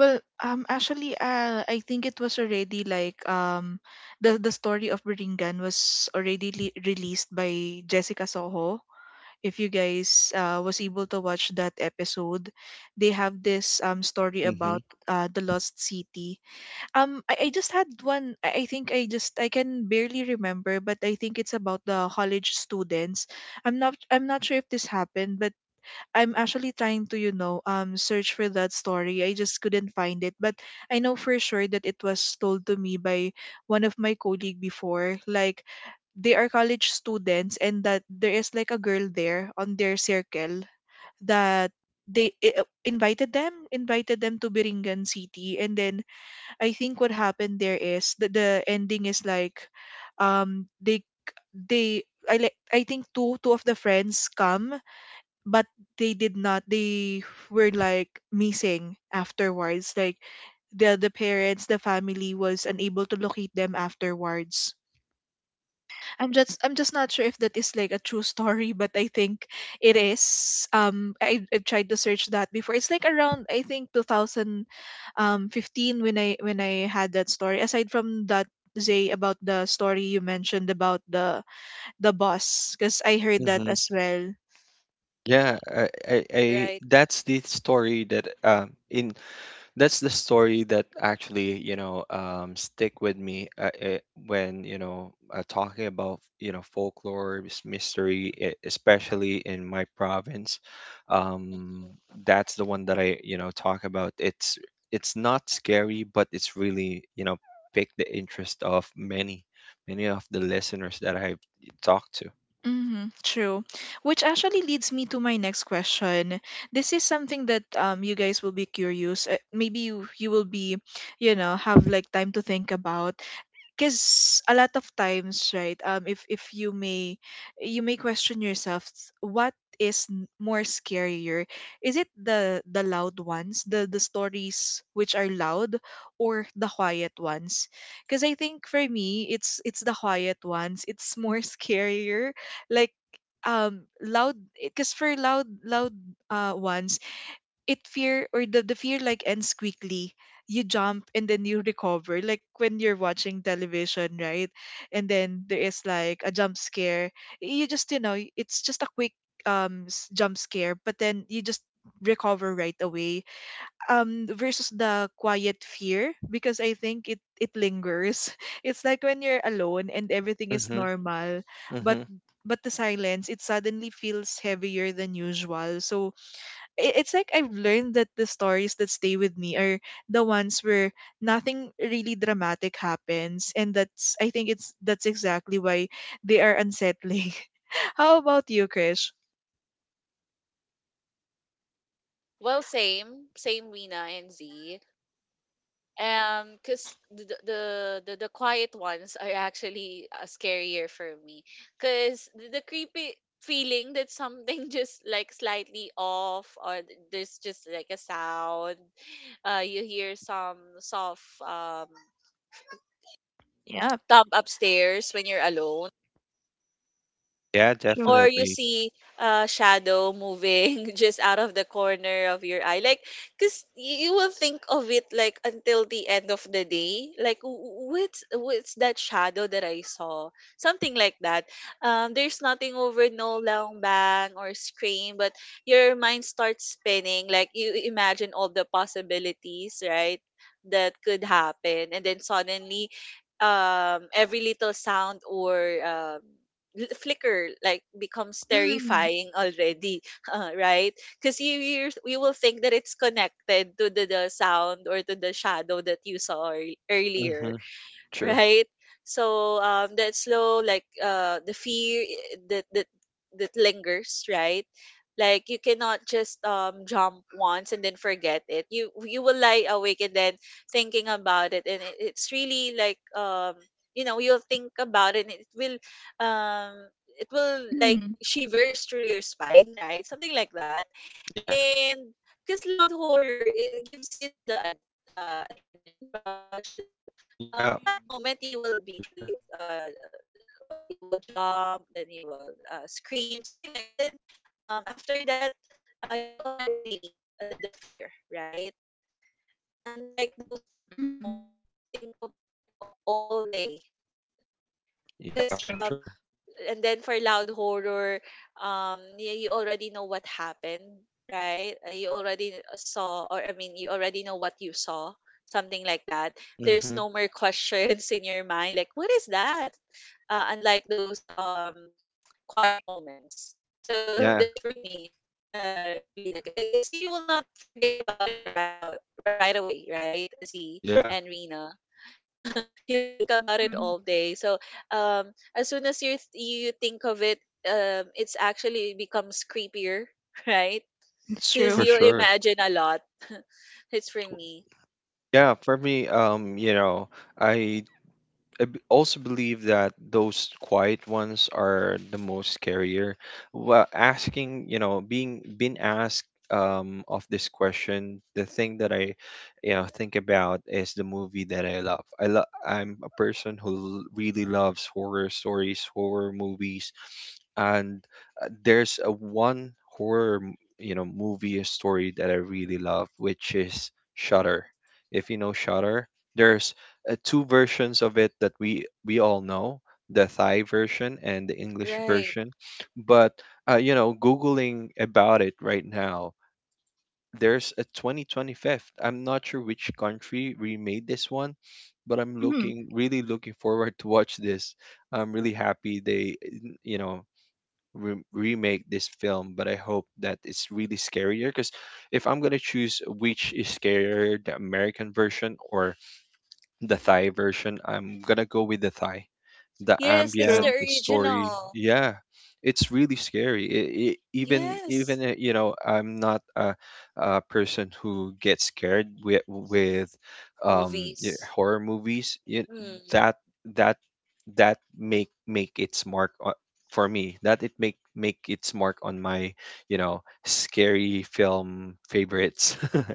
A: Well, um, actually, uh, I think it was already like um, the the story of Beringan was already le- released by Jessica Soho. If you guys uh, was able to watch that episode, they have this um story
B: Mm-hmm,
A: about uh the lost city. Um, I, I just had one. I, I think I just I can barely remember, but I think it's about the college students. I'm not I'm not sure if this happened, but I'm actually trying to, you know, um, search for that story. I just couldn't find it, but I know for sure that it was told to me by one of my colleague before. Like they are college students, and that there is like a girl there on their circle that they i- uh, invited them, invited them to Biringan City, and then I think what happened there is that the ending is like, um, they they I like I think two two of the friends come, but they did not they were like missing afterwards, like the the parents, the family, was unable to locate them afterwards. i'm just I'm just not sure if that is like a true story, but I think it is. um i, I tried to search that before, it's like around, I think, two thousand fifteen, when i when i had that story. Aside from that, Zay, about the story you mentioned about the the boss, because I heard that
B: mm-hmm.
A: as well.
B: Yeah, I, I, I,
C: right.
B: that's the story that um, in, that's the story that actually you know um, stick with me, uh, uh, when you know uh, talking about you know, folklore, s- mystery, e- especially in my province. Um,
C: Mhm.
B: that's the one that I, you know, talk about. it's it's not scary, but it's really, you know, picked the interest of many, many of the listeners that I've talked to.
A: Hmm, true. Which actually leads me to my next question. This is something that um you guys will be curious. Uh, maybe you, you will be, you know, have like time to think about, because a lot of times, right, um if if you may, you may question yourself, s- what is n- more scarier, is it the the loud ones, the the stories which are loud, or the quiet ones? Because I think for me, it's it's the quiet ones, it's more scarier. Like um loud, because for loud loud uh ones, it fear, or the, the fear, like, ends quickly. You jump and then you recover, like when you're watching television, right? And then there is like a jump scare, you just, you know, it's just a quick um s- jump scare, but then you just recover right away. um versus the quiet fear, because I think it, it lingers it's like when you're alone and everything is
B: Mm-hmm,
A: normal, but
B: mm-hmm.
A: but the silence, it suddenly feels heavier than usual. So i- it's like, I've learned that the stories that stay with me are the ones where nothing really dramatic happens, and that's, I think it's, that's exactly why they are unsettling. How about you, Krish?
C: Well, same, same Rina and Z. Um, cause the the the, the quiet ones are actually uh, scarier for me. Cause the, the creepy feeling that something just like slightly off or th- there's just like a sound. Uh, you hear some soft um
A: Yeah,
C: thump upstairs when you're alone
B: Yeah,
A: true.
C: or you
B: definitely.
C: see a shadow moving just out of the corner of your eye, like because you will think of it like until the end of the day, like, "Wh- what's what's that shadow that I saw," something like that. Um there's nothing over, no long bang or scream, but your mind starts spinning, like you imagine all the possibilities, right, that could happen. And then suddenly, um every little sound or um l- flicker like becomes
A: Mm,
C: terrifying already, uh, right? Because you you you will think that it's connected to the, the sound or to the shadow that you saw ear- earlier,
B: Mm-hmm. True.
C: right? So, um, that slow, like uh, the fear, i- that that that lingers, right? Like you cannot just um jump once and then forget it. You you will lie awake and then thinking about it, and it, it's really like um you know you'll think about it. And it will um it will like
A: mm,
C: shivers through your spine, right? Something like that.
B: Yeah.
C: And because loud horror, it gives you the the ad, uh, adrenaline rush. Like uh,
B: Yeah,
C: on that moment, you will be
B: for sure.
C: like uh, uh you will jump, then you will uh, scream, something like. And then um after that, uh, you already release the the fear, right? Unlike those quiet
A: mm,
C: moments, you will think of it all day. Because
B: Yeah, for
A: true.
B: sure.
C: and then for loud horror, um you, you already know what happened, right? Uh, you already saw, or I mean, you already know what you saw, something like that. There's
B: Mm-hmm.
C: no more questions in your mind, like what is that, uh, unlike those um quiet moments. So
B: Yeah,
C: that's for me, uh Rena. Uh, you see, you will not forget about it right out right away, right, Z and
B: yeah,
C: Rena? You'll think about it
A: Mm,
C: all day. So um, as soon as you th- you think of it, um, it's actually becomes creepier, right?
A: it's
B: for
C: Because
A: true.
C: you
B: sure.
C: imagine a lot. It's for me,
B: Yeah, for me, um, you know, I, I b- also believe that those quiet ones are the most scarier. Well, asking, you know, being being asked um, of this question, the thing that I, you know, think about is the movie that I love. I love. I'm a person who l- really loves horror stories, horror movies, and uh, there's a one horror m- you know, movie or story that I really love, which is Shutter. If you know Shutter, there's uh, two versions of it that we we all know, the Thai version and the English
C: right?
B: version. But uh, you know, googling about it right now, there's a twenty twenty-five. I'm not sure which country remade this one, but I'm
A: Mm,
B: looking, really looking forward to watch this. I'm really happy they, you know, re- remake this film, but I hope that it's really scarier. Because if I'm gonna choose which is scarier, the American version or the Thai version, I'm gonna go with the Thai. The
C: Yes, that's
B: ambient,
C: the
A: true.
B: the story,
C: original.
B: yeah, it's really scary. It, it, even
C: Yes,
B: even uh, you know, I'm not a, a person who gets scared with with um, y-
C: movies.
B: horror movies. It,
C: Mm.
B: that that That make, make its mark on, for me. That it make, make its mark on my, you know, scary film favorites.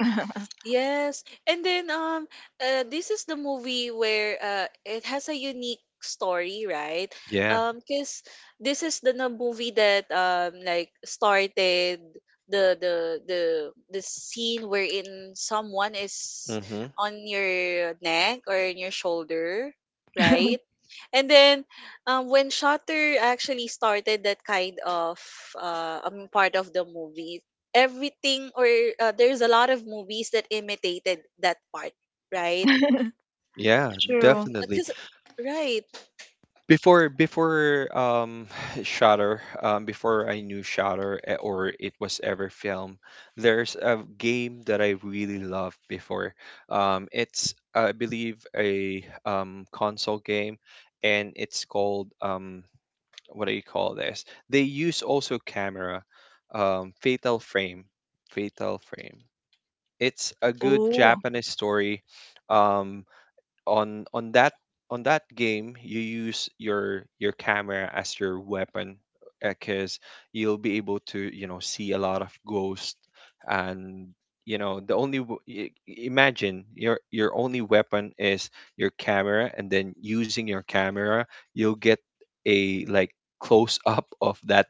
C: Yes. And then um uh, this is the movie where uh it has a unique story, right?
B: Yeah.
C: Um cuz this is the na- movie that um like started the the the the scene wherein someone is
B: Mm-hmm.
C: on your neck or in your shoulder, right? And then um when Shutter actually started that kind of uh um, part of the movie, everything or uh, there's a lot of movies that imitated that part, right?
B: Yeah,
A: true.
B: definitely.
C: Just right,
B: Before before um, Shutter, um, before I knew Shutter, eh, or it was ever filmed, there's a game that I really loved before. Um, it's I believe a um, console game, and it's called um, what do you call this? They use also camera, um, Fatal Frame, Fatal Frame. It's a good
A: Oh.
B: Japanese story. Um on on that on that game you use your your camera as your weapon because you'll be able to, you know, see a lot of ghosts. And you know the only w- i- imagine your your only weapon is your camera, and then using your camera you'll get a like close up of that,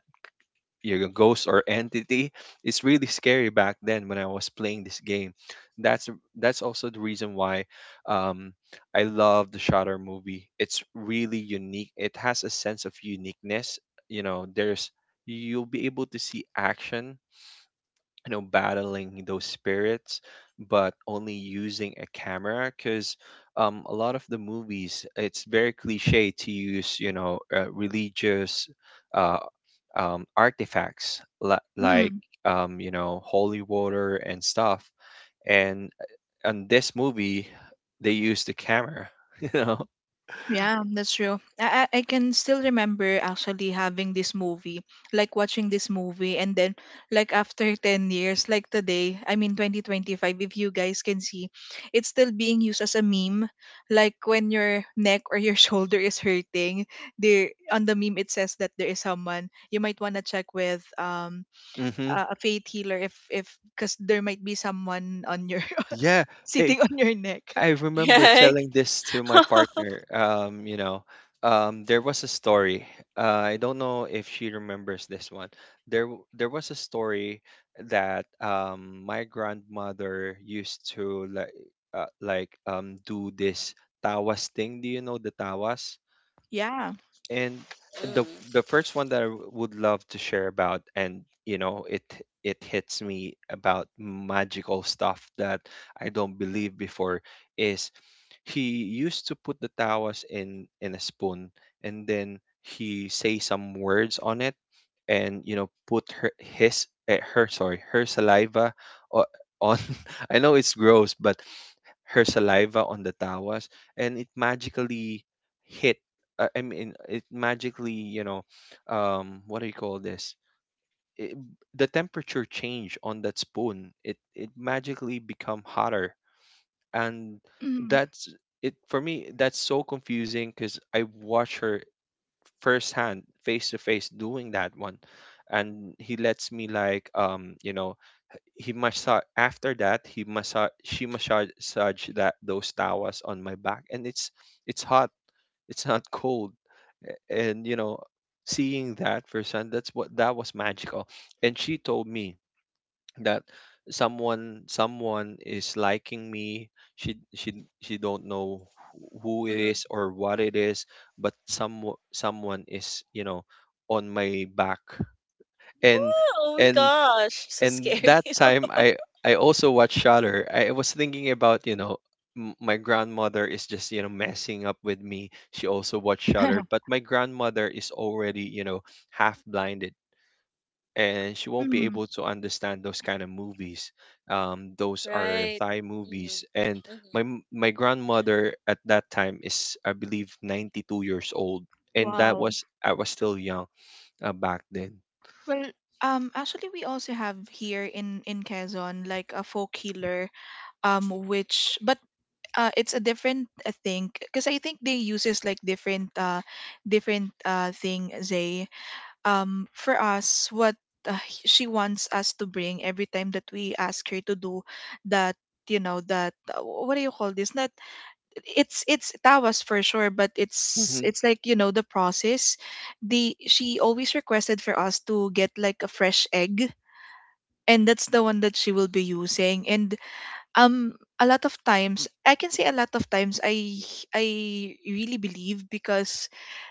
B: your ghost or entity. It's really scary back then when I was playing this game. That's that's also the reason why um, I love the Shutter movie. It's really unique. It has a sense of uniqueness. You know, there's, you'll be able to see action, you know, battling those spirits, but only using a camera. Because um, a lot of the movies, it's very cliche to use, you know, uh, religious uh, um, artifacts, li- like um, you know, holy water and stuff. And uh, on this movie they use the camera, you know.
A: Yeah, that's true. I, I I can still remember actually having this movie, like watching this movie, and then like after ten years, like today, I mean twenty twenty-five, if you guys can see, it's still being used as a meme. Like when your neck or your shoulder is hurting, there on the meme it says that there is someone you might want to check with um
B: Hmm.
A: a a faith healer if if because there might be someone on your
B: Yeah. eh,
A: sitting on your neck.
B: I remember
C: right.
B: telling this to my
C: Mm.
B: partner. Um, you know, um, there was a story. Uh, I don't know if she remembers this one. There, w- there was a story that um, my grandmother used to, like, uh, like um, do this tawas thing. Do you know the tawas?
A: Yeah.
B: And the the first one that I w- would love to share about, and you know, it it hits me about magical stuff that I don't believe before, is he used to put the tawas in in a spoon, and then he say some words on it, and you know, put her his eh, her sorry her saliva o- on, I know it's gross, but her saliva on the tawas. And it magically hit, uh, I mean it magically, you know, um what do you call this it, the temperature change on that spoon, it it magically become hotter. And
A: Mm.
B: that's, it for me, that's so confusing, because I watch her firsthand, face to face, doing that one. And he lets me, like, um you know he massage, after that he massage, she massage that, those tawas on my back, and it's it's hot, it's not cold. A- and you know, seeing that firsthand, that's what, that was magical. And she told me that someone someone is liking me. She she she don't know wh- who it
C: Hmm.
B: is or what it is, but some someone is, you know, on my back. And,
C: Oh my
B: and
C: gosh, so
B: and
C: scary.
B: that time, I I also watched Shutter. I was thinking about, you know, m- my grandmother is just, you know, messing up with me. She also watched Shutter, but my grandmother is already, you know, half blinded, and she won't be
A: Mm.
B: able to understand those kind of movies. Um, those are
C: Right.
B: Thai
C: Hmm.
B: movies. And
C: Hmm.
B: my m- my grandmother at that time is, I believe, ninety two years old, and that
A: Wow.
B: was, I was still young uh, back then.
A: Well, um, actually, we also have here in in Quezon like a folk healer, um, which but uh, it's a different uh, thing because I think they uses like different uh, different uh thing. Zay, um, for us, what uh, h- she wants us to bring every time that we ask her to do that, you know, that uh, wh- what do you call this? Not, it's it's tawas for sure, but it's it's like, you know, the process, the she always requested for us to get like a fresh egg, and that's the one that she will be using. And um, a lot of times I can say, a lot of times i i really believe, because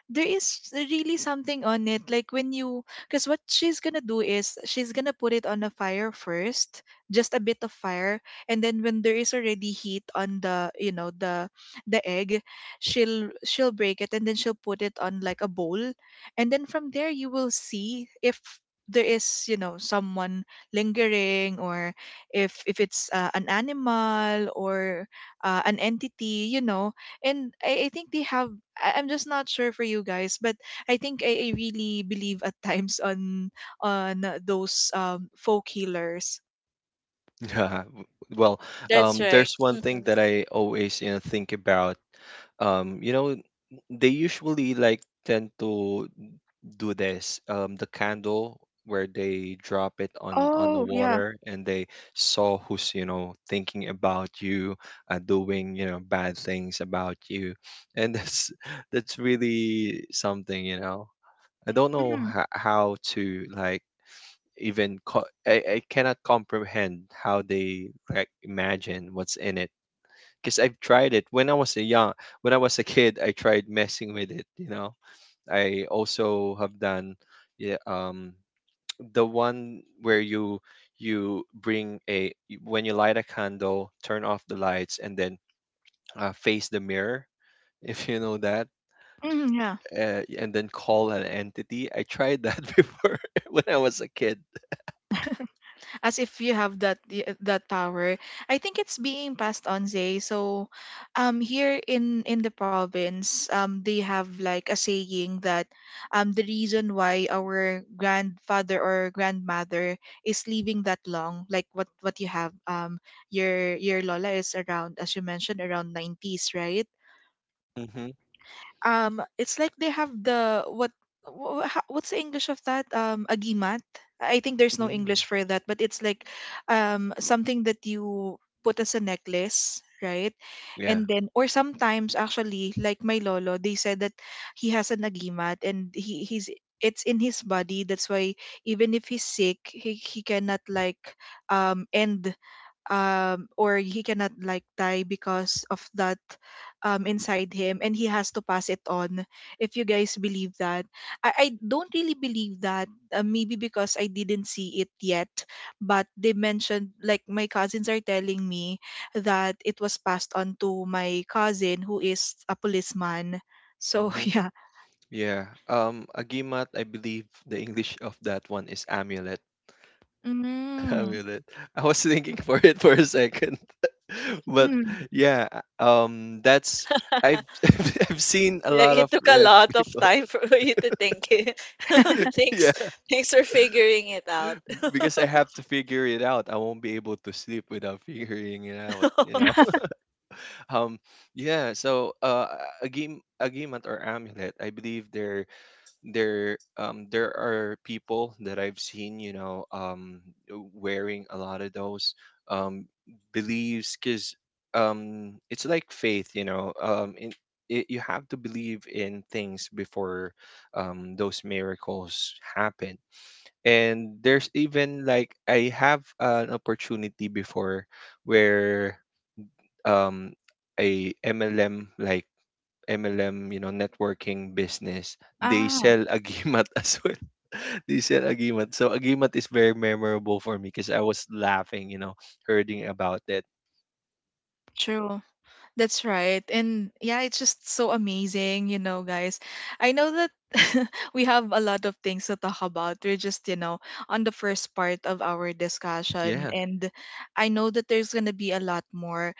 A: there is really something on it, like when you, because what she's gonna do is she's gonna put it on a fire first, just a bit of fire, and then when there is already heat on the, you know, the the egg, she'll she'll break it and then she'll put it on like a bowl, and then from there you will see if there is, you know, someone lingering, or if if it's uh, an animal or uh, an entity, you know. And I, I think they have, I- I'm just not sure for you guys, but I think I, I really believe at times on on uh, those um folk healers.
B: Yeah. w- Well,
C: That's
B: um,
C: right.
B: there's one thing
C: Hmm.
B: that I always, you know, think about. Um, you know, they usually like tend to do this. Um, the candle where they drop it on on the
A: Oh, yeah.
B: water, and they saw who's, you know, thinking about you, uh, doing, you know, bad things about you. And that's, that's really something, you know. I don't know
A: Mm-hmm.
B: ho- how to like even co- I, I cannot comprehend how they, like, imagine what's in it. Because I've tried it when I was a young, when I was a kid, I tried messing with it, you know. I also have done, yeah, um, the one where you you bring a, when you light a candle, turn off the lights, and then uh, face the mirror, if you know that,
A: Mm, yeah.
B: uh, and then call an entity. I tried that before when I was a kid.
A: As if you have that y- that power. I think it's being passed on, Zay. So, um, here in in the province, um, they have like a saying that, um, the reason why our grandfather or grandmother is living that long, like what what you have, um, your your Lola is around, as you mentioned, around nineties, right?
B: Hmm.
A: Um, it's like they have the what, wha- wha- ho- what's the English of that, um, agimat? I think there's no
B: Mm.
A: English for that, but it's like, um, something that you put as a necklace, right?
B: Yeah.
A: And then, or sometimes actually, like my lolo, they said that he has an agimat and he he's it's in his body, that's why even if he's sick, he, he cannot like um end, um, or he cannot like die because of that um inside him, and he has to pass it on. If you guys believe that, i, I don't really believe that, uh, maybe because I didn't see it yet, but they mentioned, like my cousins are telling me that it was passed on to my cousin who is a policeman, so
B: Hmm.
A: yeah.
B: Yeah. Um, agimat, I believe the English of that one is amulet.
A: Mm.
B: Amulet. I was thinking for it for a second, but
A: Mm.
B: yeah. Um, that's, I've I've seen a
C: Like,
B: lot of
C: it took a
B: uh,
C: lot of
B: people.
C: time for you to think it.
B: Yeah,
C: Thanks, thanks for figuring it out.
B: because I have to figure it out. I won't be able to sleep without figuring it out. You know. Um. Yeah. So, uh, agim agimat or amulet, I believe they're there, um there are people that I've seen, you know, um wearing a lot of those, um beliefs. Because um it's like faith, you know. Um, in, it, you have to believe in things before um those miracles happen. And there's even, like, I have an opportunity before where um a M L M, like M L M, you know, networking business, they
A: Ah,
B: sell agimat as well. They sell agimat. So agimat is very memorable for me, because I was laughing, you know, hearing about it.
A: true. That's right. And yeah, it's just so amazing, you know, guys. I know that we have a lot of things to talk about. We're just, you know, on the first part of our discussion.
B: Yeah,
A: And I know that there's going to be a lot more.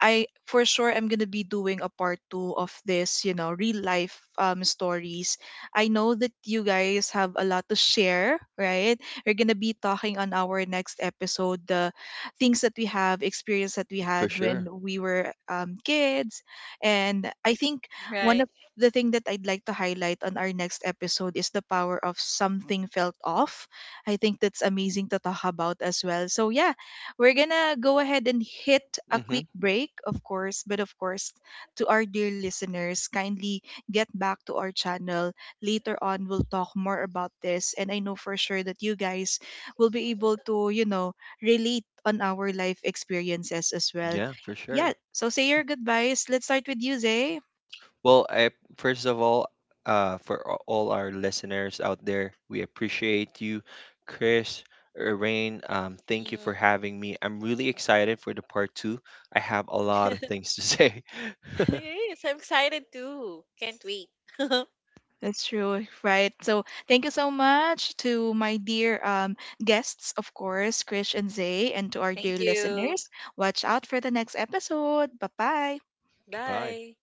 A: I for sure am gonna be doing a part two of this, you know, real life um stories. I know that you guys have a lot to share, right? We're gonna be talking on our next episode the things that we have, experience that we
B: for
A: had
B: sure.
A: when we were um kids. And I think one
C: Right.
A: of the thing that I'd like to highlight on our next episode is the power of something felt off. I think that's amazing to talk about as well. So yeah, we're gonna go ahead and hit a
B: Mm-hmm.
A: quick break, of course, but of course, to our dear listeners, kindly get back to our channel. Later on, we'll talk more about this, and I know for sure that you guys will be able to, you know, relate on our life experiences as well.
B: Yeah, for
A: Yeah,
B: sure.
A: so say your goodbyes. Let's start with you, Zay.
B: Well, I, first of all, uh, for a- all our listeners out there, we appreciate you, Chris, Rain. Um, thank you for
C: Mhm.
B: having me. I'm really excited for the part two. I have a lot of things to say.
C: Yes, I'm excited too. Can't wait.
A: That's true, right? So thank you so much to my dear um, guests, of course, Krish and Zay, and to our
C: Thank
A: dear
C: you.
A: listeners. Watch out for the next episode. Bye bye.
B: Goodbye.
C: Bye.